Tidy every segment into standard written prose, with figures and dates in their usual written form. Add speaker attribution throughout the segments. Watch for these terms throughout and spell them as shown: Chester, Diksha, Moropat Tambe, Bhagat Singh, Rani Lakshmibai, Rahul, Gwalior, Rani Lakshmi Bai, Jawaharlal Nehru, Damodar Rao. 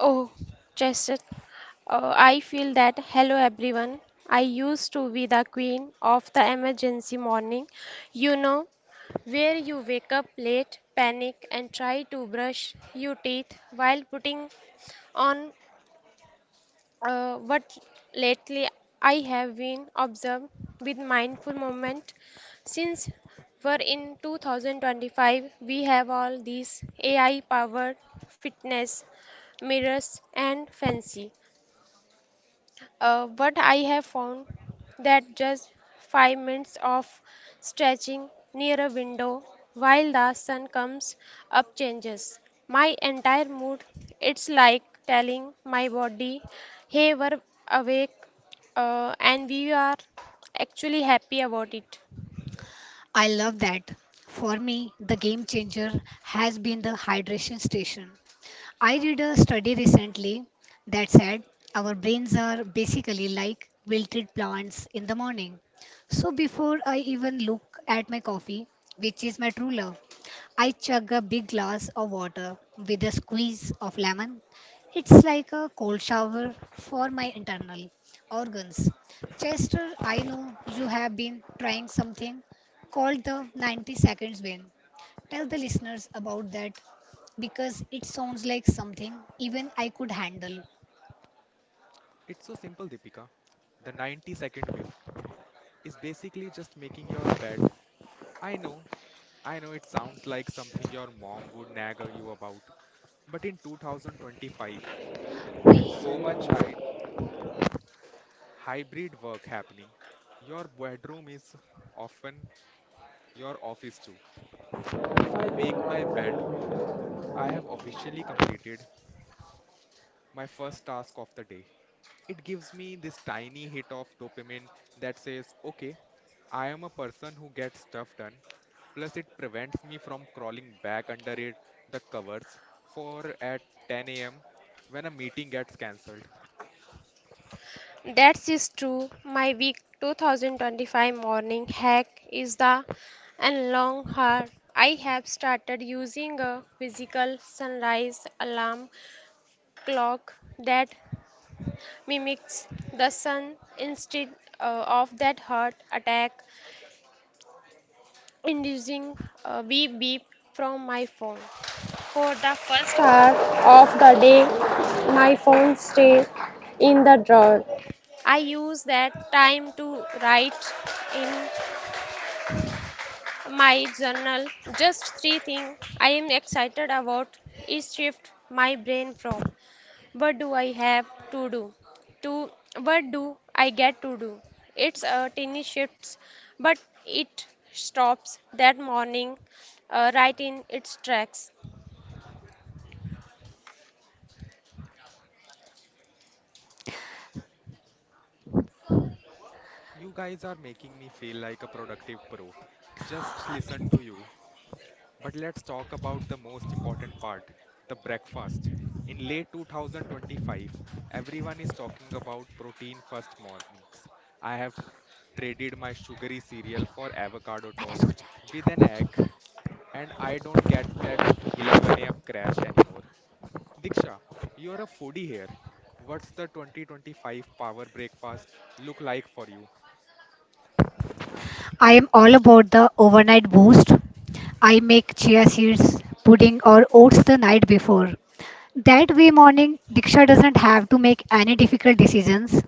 Speaker 1: Oh, Chester, I feel that. Hello, everyone. I used to be the queen of the emergency morning, you know, where you wake up late, panic, and try to brush your teeth while putting on but lately, I have been observed with mindful movement. Since we're in 2025, we have all these AI-powered fitness mirrors and fancy. But I have found that just 5 minutes of stretching near a window while the sun comes up changes my entire mood. It's like telling my body, "Hey, we're awake and we are actually happy about it."
Speaker 2: I love that. For me, the game changer has been the hydration station. I read a study recently that said our brains are basically like wilted plants in the morning. So before I even look at my coffee, which is my true love, I chug a big glass of water with a squeeze of lemon. It's like a cold shower for my internal organs. Chester, I know you have been trying something called the 90 seconds win. Tell the listeners about that because it sounds like something even I could handle. ओए मैंने
Speaker 1: That is true. My week 2025 morning hack is the and long hard. I have started using a physical sunrise alarm clock that mimics the sun instead of that heart attack inducing beep beep from my phone. For the first hour of the day, my phone stays in the drawer. I use that time to write in my journal just three things I am excited about is shift my brain from what do I have to do to what do I get to do. It's a tiny shift, but it stops that morning right in its tracks.
Speaker 2: सोचा है ये आप पूछे। I am all about the overnight boost. I make chia seeds, pudding, or oats the night before. That way, morning Diksha doesn't have to make any difficult decisions.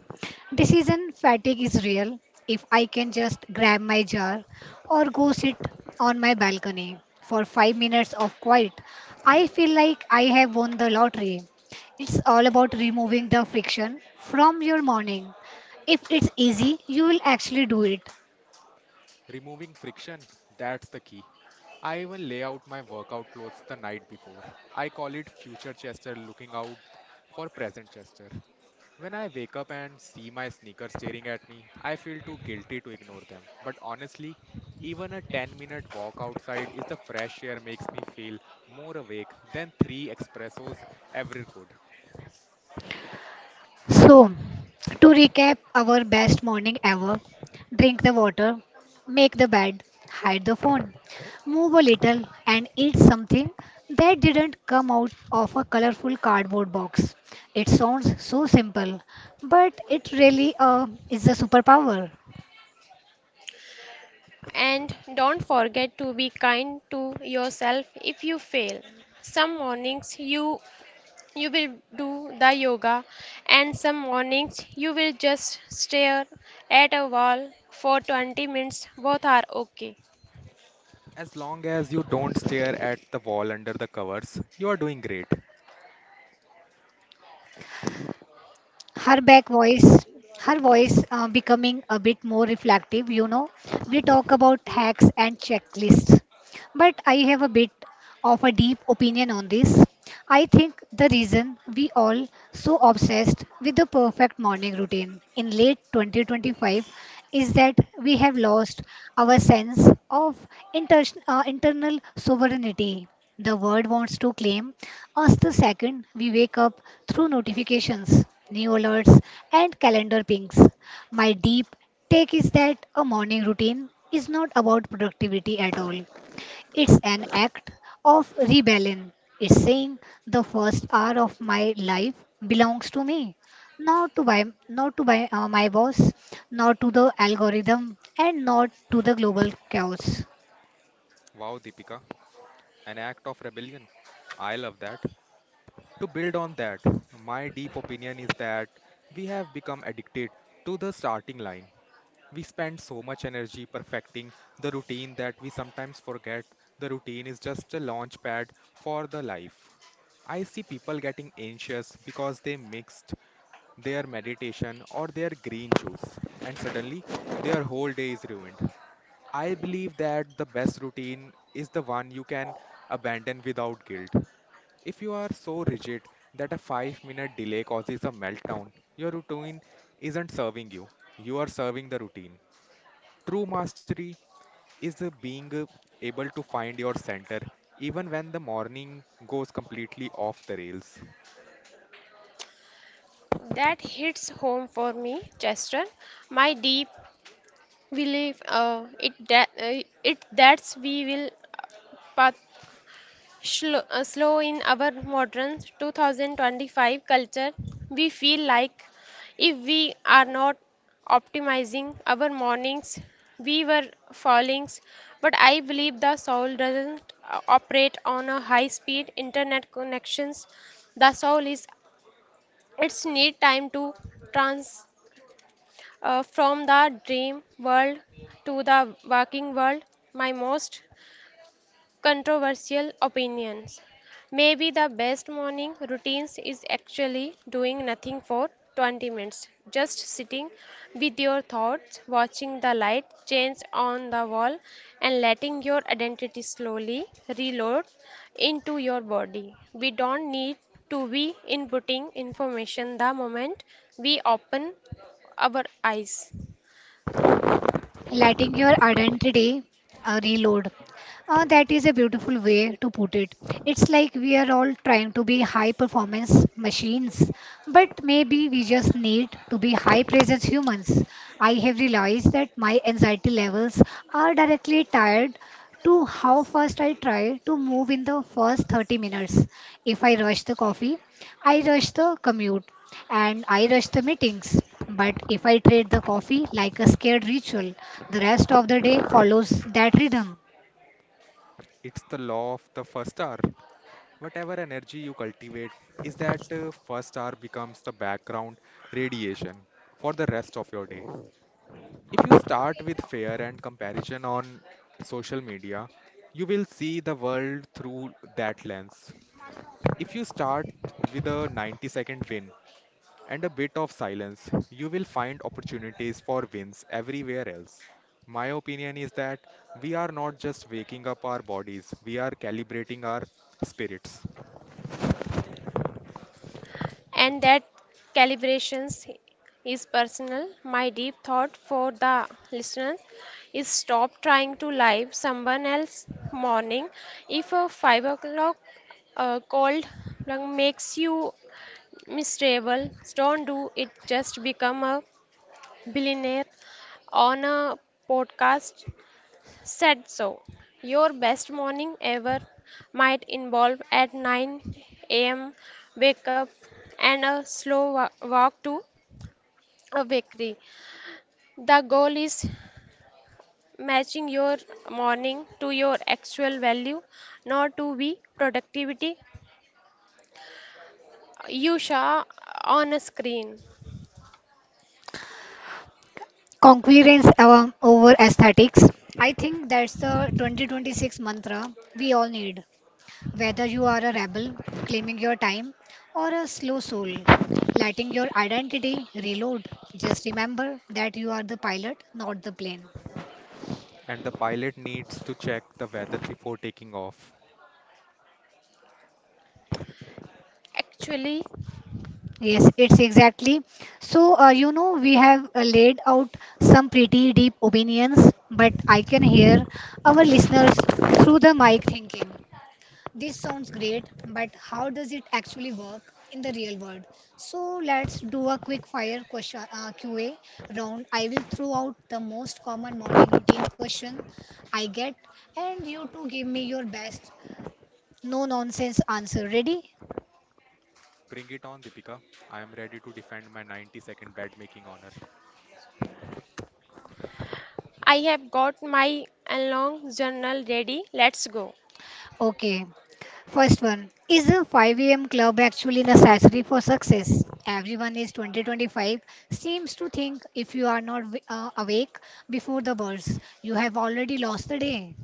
Speaker 2: Decision fatigue is real. If I can just grab my jar or go sit on my balcony for 5 minutes of quiet, I feel like I have won the lottery. It's all about removing the friction from your morning. If it's easy, you will actually do it. So, to recap our best morning ever, drink the water, make the bed, hide the phone, move a little, and eat something that didn't come out of a colorful cardboard box. It sounds so simple, but it really is a superpower.
Speaker 1: And don't forget to be kind to yourself if you fail. Some mornings you will do the yoga and some mornings you will just stare at a wall for 20 minutes. Both are okay.
Speaker 2: Her back voice. Her voice becoming a bit more reflective, you know. We talk about hacks and checklists, but I have a bit of a deep opinion on this. I think the reason we all so obsessed with the perfect morning routine in late 2025 is that we have lost our sense of internal sovereignty. The world wants to claim us the second we wake up through notifications, new alerts, and calendar pings. My deep take is that a morning routine is not about productivity at all. It's an act of rebellion. It's saying the first hour of my life belongs to me, not to my boss, not to the algorithm, and not to the global chaos.
Speaker 1: That hits home for me, Chester. My deep belief it that it that's we will uh, path slow in our modern 2025 culture, we feel like if we are not optimizing our mornings, we were fallings. But I believe the soul doesn't operate on a high speed internet connections. The soul is its need time to trans from the dream world to the working world. My most controversial opinions. Maybe the best morning routines is actually doing nothing for 20 minutes, just sitting with your thoughts, watching the light change on the wall, and letting your identity slowly reload into your body. We don't need to be inputting information the moment we open our eyes.
Speaker 2: Letting your identity reload. That is a beautiful way to put it. It's like we are all trying to be high performance machines, but maybe we just need to be high presence humans. I have realized that my anxiety levels are directly tied to how fast I try to move in the first 30 minutes. If I rush the coffee, I rush the commute and I rush the meetings. But if I trade the coffee like a scared ritual, the rest of the day follows that rhythm.
Speaker 1: And that calibrations is personal. My deep thought for the listeners is stop trying to live someone else's morning. If a 5 o'clock cold makes you miserable, don't do it. Just become a billionaire on a podcast said so. Your best morning ever might involve at 9 a.m. wake up and a walk to a bakery. The goal is matching your morning to your actual value, not to be productivity you saw on a screen.
Speaker 2: Concurrence over aesthetics. I think that's the 2026 mantra we all need. Whether you are a rebel claiming your time or a slow soul letting your identity reload, just remember that you are the pilot, not the plane.
Speaker 1: Actually,
Speaker 2: Yes, it's exactly. So, we have laid out some pretty deep opinions, but I can hear our listeners through the mic thinking, this sounds great, but how does it actually work in the real world? So, let's do a quick fire question QA round. I will throw out the most common morning routine question I get, and you two give me your best no nonsense answer. Ready?
Speaker 1: I have got my long journal ready. Let's go.
Speaker 2: Okay. First one, is the 5 a.m. club actually necessary for success? Everyone is 2025 seems to think if you are not awake before the birds, you have already lost the day.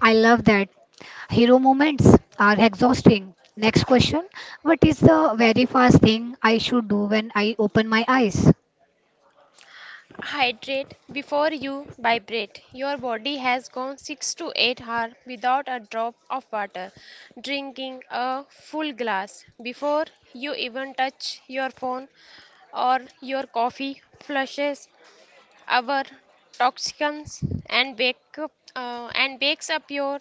Speaker 2: I love that. Hero moments are exhausting. Next question, what is the very first thing I should do when I open my eyes?
Speaker 1: Hydrate before you vibrate. Your body has gone 6 to 8 hours without a drop of water. Drinking a full glass before you even touch your phone or your coffee flushes our toxins and wake up, and wakes up your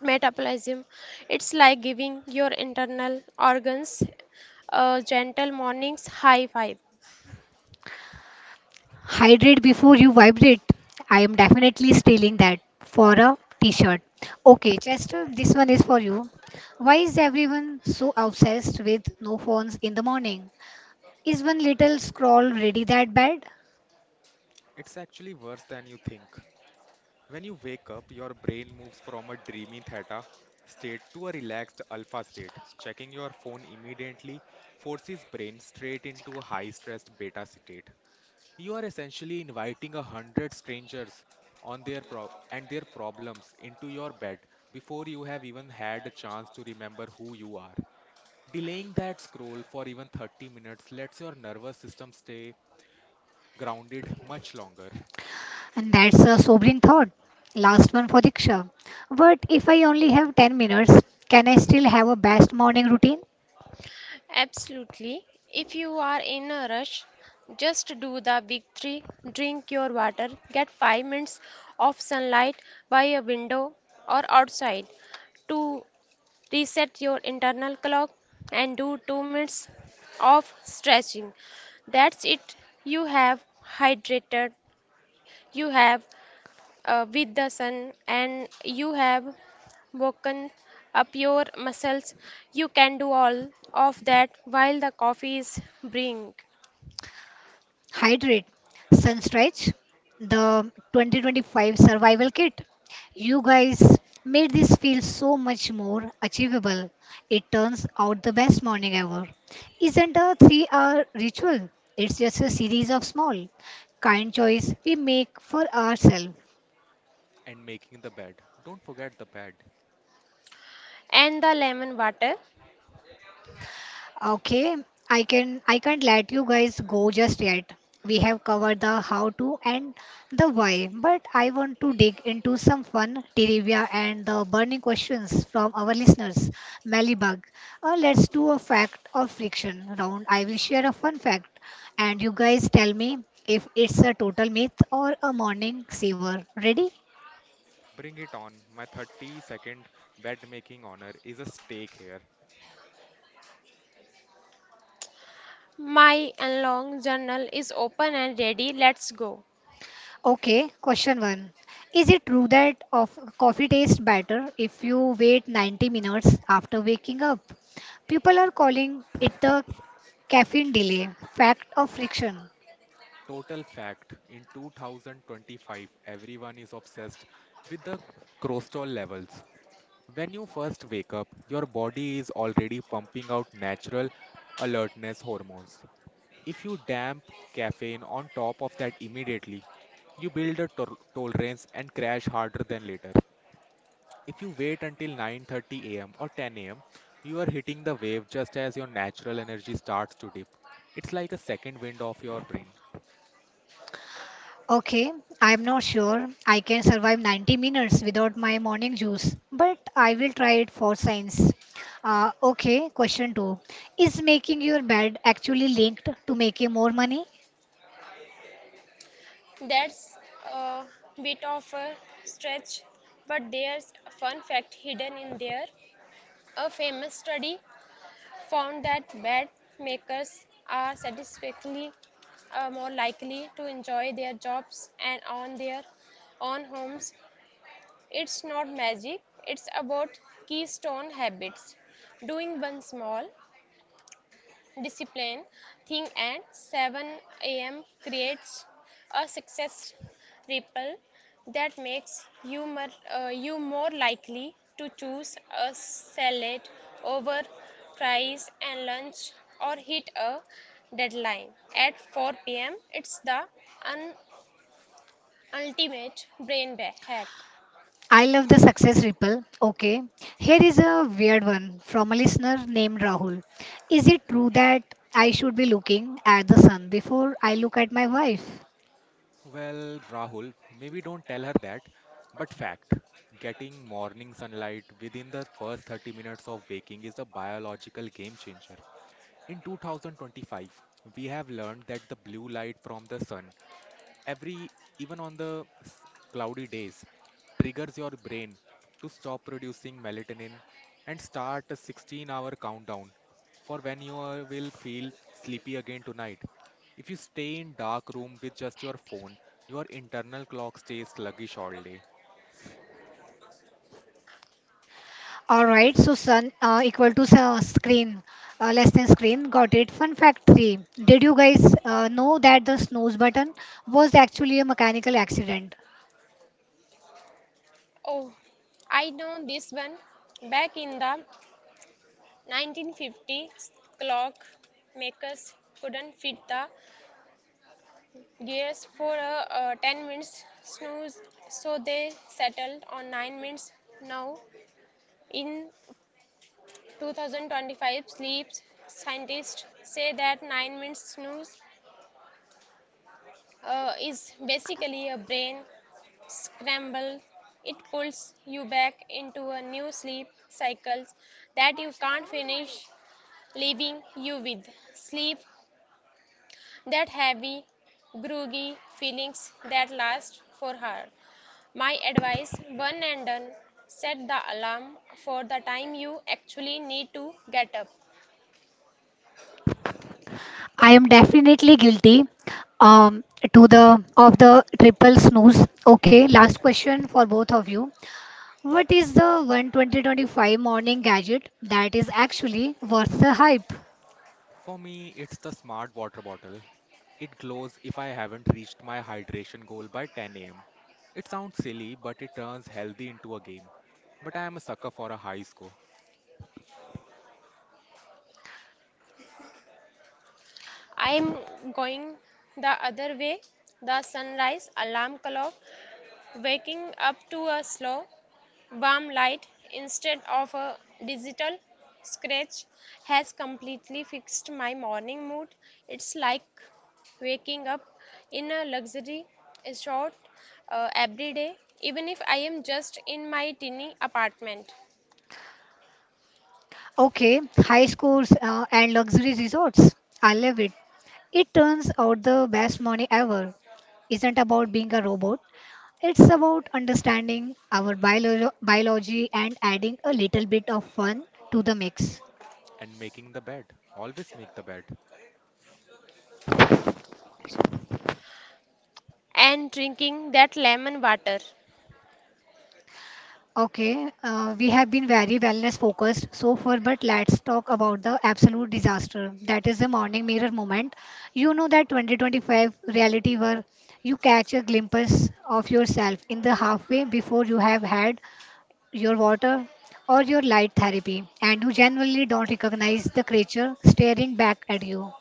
Speaker 1: metabolism. It's like giving your internal organs a gentle morning's high five.
Speaker 2: Hydrate before you vibrate. I am definitely stealing that for a t shirt. Okay, Chester, this one is for you. Why is everyone so obsessed with no phones in the morning? Is one little scroll really that bad? And that's a sobering thought. Last one for Diksha. But if I only have 10 minutes, can I still have a best morning routine?
Speaker 1: Absolutely. If you are in a rush, just do the big three drink your water, get 5 minutes of sunlight by a window or outside to reset your internal clock, and do 2 minutes of stretching. That's it. You have hydrated, you have with the sun, and you have woken up your muscles. You can do all of that while the coffee is brewing
Speaker 2: Hydrate, Sunstretch, the 2025 Survival Kit. You guys made this feel so much more achievable. It turns out the best morning ever isn't a 3 hour ritual, it's just a series of small, kind choice we make for ourselves.
Speaker 1: and the lemon water.
Speaker 2: Okay, I can't let you guys go just yet. We have covered the how to and the why, but I want to dig into some fun trivia and the burning questions from our listeners. Malibag, let's do a fact or fiction round. I will share a fun fact, and you guys tell me if it's a total myth or a morning saver. Ready?
Speaker 1: My long journal is open and ready. Let's go.
Speaker 2: Okay, question one. Is it true that of coffee tastes better if you wait 90 minutes after waking up? People are calling it the caffeine delay, fact of friction. Okay, I'm not sure I can survive 90 minutes without my morning juice, but I will try it for science. Okay, question two. Is making your bed actually linked to making more money?
Speaker 1: That's a bit of a stretch, but there's a fun fact hidden in there. A famous study found that bed makers are satisfactorily more likely to enjoy their jobs and own their own homes. It's not magic, it's about keystone habits. Doing one small, disciplined thing at 7 a.m. creates a success ripple that makes you, you more likely to choose a salad over fries and lunch or hit a deadline at 4 p.m. It's the un- ultimate brain hack.
Speaker 2: I love the success ripple. Okay, here is a weird one from a listener named Rahul. Is it true that I should be looking at the sun before I look at my wife? Alright, so sun equal to sun, screen less than screen. Got it. Fun fact 3. Did you guys know that the snooze button was actually a mechanical accident?
Speaker 1: Oh, I know this one. Back in the 1950s, clock makers couldn't fit the gears for 10 minutes snooze, so they settled on 9 minutes. Now, in 2025, sleep scientists say that 9 minutes snooze is basically a brain scramble. It pulls you back into a new sleep cycle that you can't finish leaving you with sleep that heavy, groggy feelings that last for her. My advice one and done set the alarm for the time you actually need to get up.
Speaker 2: I am definitely guilty um, to the of the triple snooze. Okay, last question for both of you. What is the 12025 morning gadget that is actually worth the hype?
Speaker 1: I'm going the other way. The sunrise alarm clock waking up to a slow Balm Light, instead of a digital scratch, has completely fixed my morning mood. It's like waking up in a luxury resort every day, even if I am just in my tiny apartment
Speaker 2: Okay, high schools and luxury resorts. I love it. It turns out the best money ever isn't about being a robot. It's about understanding our biology and adding a little bit of fun to the mix.
Speaker 1: and drinking that lemon water.
Speaker 2: Okay, we have been very wellness focused so far, but let's talk about the absolute disaster. That is the morning mirror moment. You know that 2025 reality where you catch a glimpse of yourself in the halfway before you have had your water or your light therapy, and you genuinely don't recognize the creature staring back at you.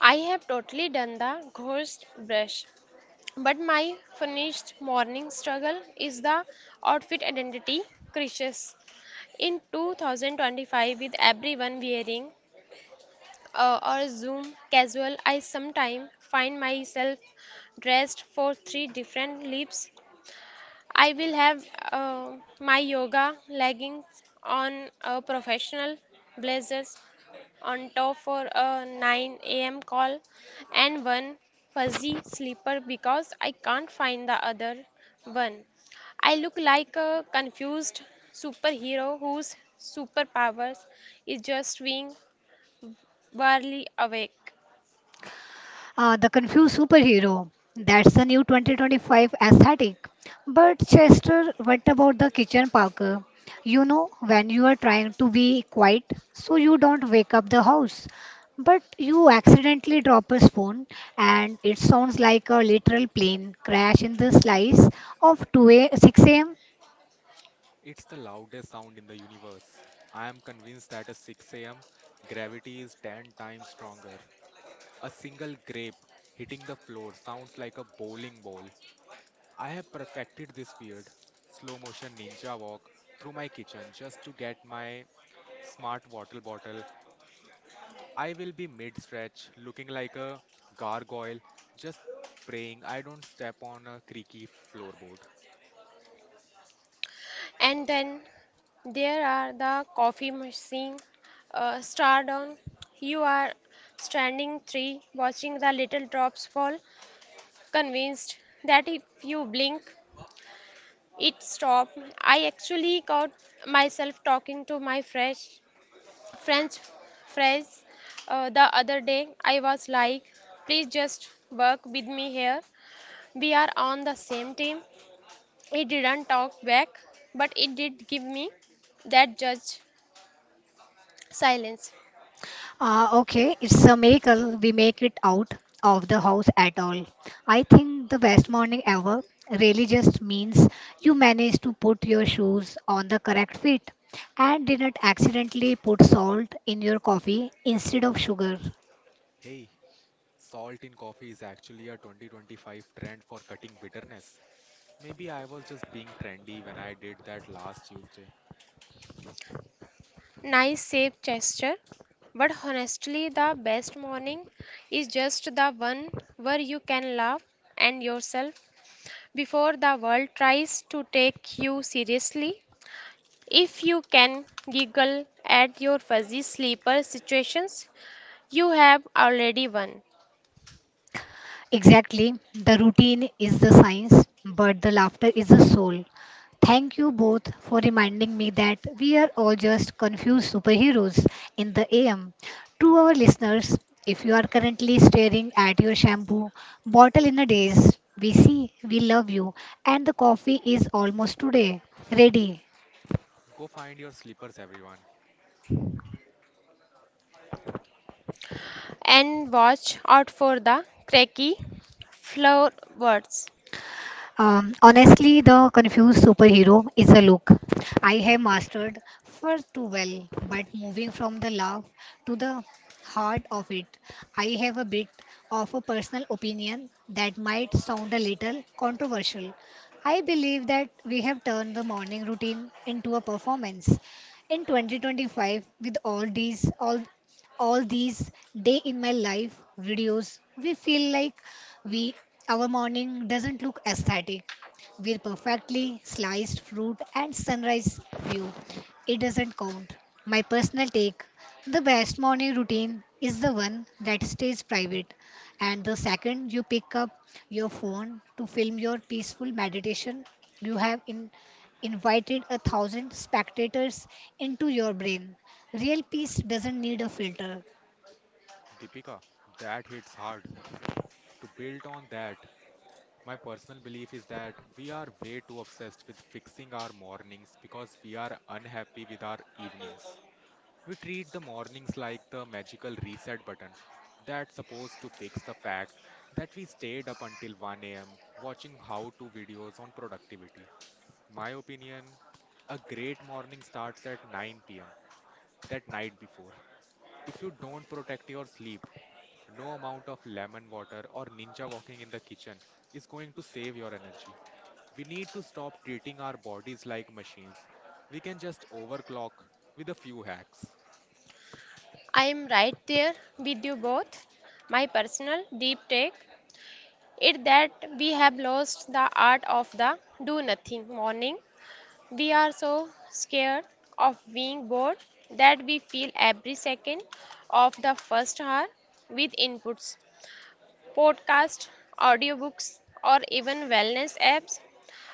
Speaker 1: I have totally done the ghost brush. But my finished morning struggle is the outfit identity crisis. In 2025, with everyone wearing or Zoom casual, I sometimes find myself dressed for three different leaps. I will have uh, my yoga leggings on a professional blazers on top for a 9 a.m. call and one fuzzy sleeper because I can't find the other one. I look like a confused superhero whose superpowers is just being barely awake.
Speaker 2: The confused superhero. That's the new 2025 aesthetic. But Chester, what about the kitchen Parker? You know, when you are trying to be quiet, so you don't wake up the house, but you accidentally drop a spoon, and it sounds like a literal plane crash in the slice of 2 a 6 a.m.
Speaker 1: And then there are the coffee machine star down. You are standing three watching the little drops fall, convinced that if you blink it stopped. I actually caught myself talking to my fresh French friends the other day. I was like, please just work with me here. We are on the same team. It didn't talk back, but it did give me that judge silence.
Speaker 2: Okay, it's a miracle we make it out of the house at all. I think the best morning ever really just means you manage to put your shoes on the correct feet and didn't accidentally put salt in your coffee instead of sugar.
Speaker 1: Nice safe gesture. But honestly, the best morning is just the one where you can laugh and yourself before the world tries to take you seriously. If you can giggle at your fuzzy sleeper situations, you have already won.
Speaker 2: Exactly. The routine is the science, but the laughter is the soul. Thank you both for reminding me that we are all just confused superheroes in the AM. To our listeners, if you are currently staring at your shampoo bottle in a daze, we see, we love you, and the coffee is almost today ready.
Speaker 1: And watch out for the cracky floor words.
Speaker 2: Honestly, the confused superhero is a look I have mastered far too well, but moving from the love to the heart of it, I have a bit of a personal opinion that might sound a little controversial. I believe that we have turned the morning routine into a performance. In 2025, with all these day in my life videos, we feel like we our morning doesn't look aesthetic with perfectly sliced fruit and sunrise view. It doesn't count. My personal take, the best morning routine is the one that stays private, and the second you pick up your phone to film your peaceful meditation, you have invited a thousand spectators into your brain. Real peace doesn't need a filter,
Speaker 1: I am right there with you both. My personal deep take it that we have lost the art of the do nothing morning. We are so scared of being bored that we fill every second of the first hour with inputs, podcasts, audiobooks, or even wellness apps.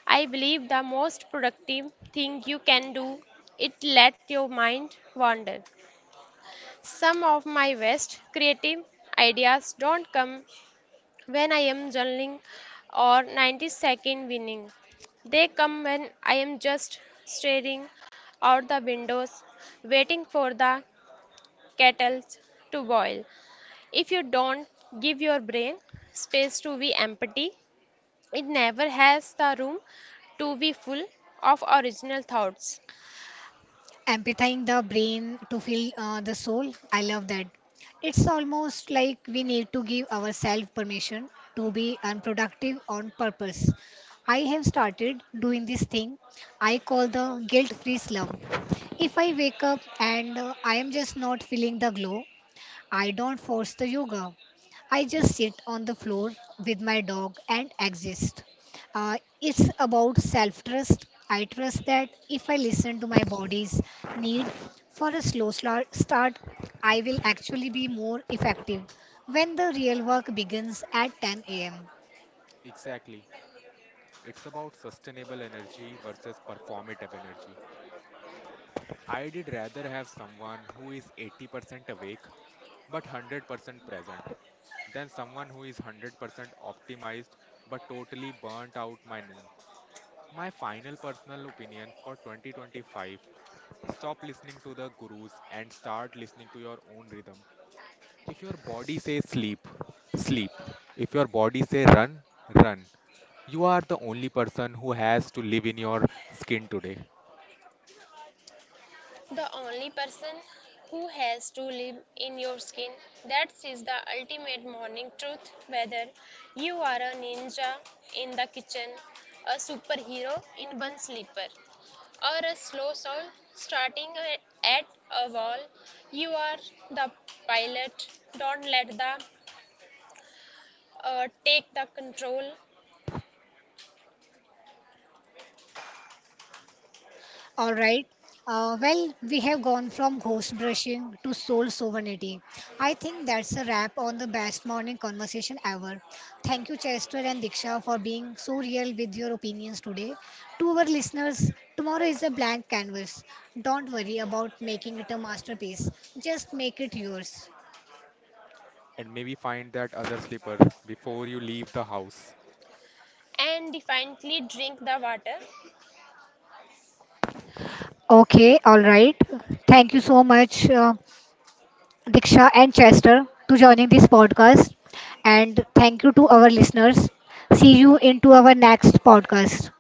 Speaker 1: I believe the most productive thing you can do is let your mind wander. Some of my best creative ideas don't come when I am journaling or 90-second winning. They come when I am just staring out the windows, waiting for the kettle to boil. If you don't give your brain space to be empty, it never has the room to be full of original thoughts.
Speaker 2: amplifying the brain to feel the soul. I love that. It's almost like we need to give ourselves permission to be unproductive on purpose. I have started doing this thing I call the guilt free slump. If I wake up and I am just not feeling the glow, I don't force the yoga. I just sit on the floor with my dog and exist. It's about self trust. I trust that if I listen to my body's need for a start, I will actually be more effective when the real work begins at 10 a.m.
Speaker 1: The only person who has to live in your skin. That is the ultimate morning truth. Whether you are a ninja in the kitchen, a superhero in one sleeper, or a slow soul starting at a wall, you are the pilot. Don't let the take the control
Speaker 2: All right. Well, we have gone from ghost brushing to soul sovereignty. I think that's a wrap on the best morning conversation ever. Thank you, Chester and Diksha, for being so real with your opinions today. To our listeners, tomorrow is a blank canvas. Don't worry about making it a masterpiece, just make it yours.
Speaker 1: and defiantly drink the water.
Speaker 2: Okay, all right. Thank you so much. Diksha and Chester to joining this podcast. And thank you to our listeners. See you into our next podcast.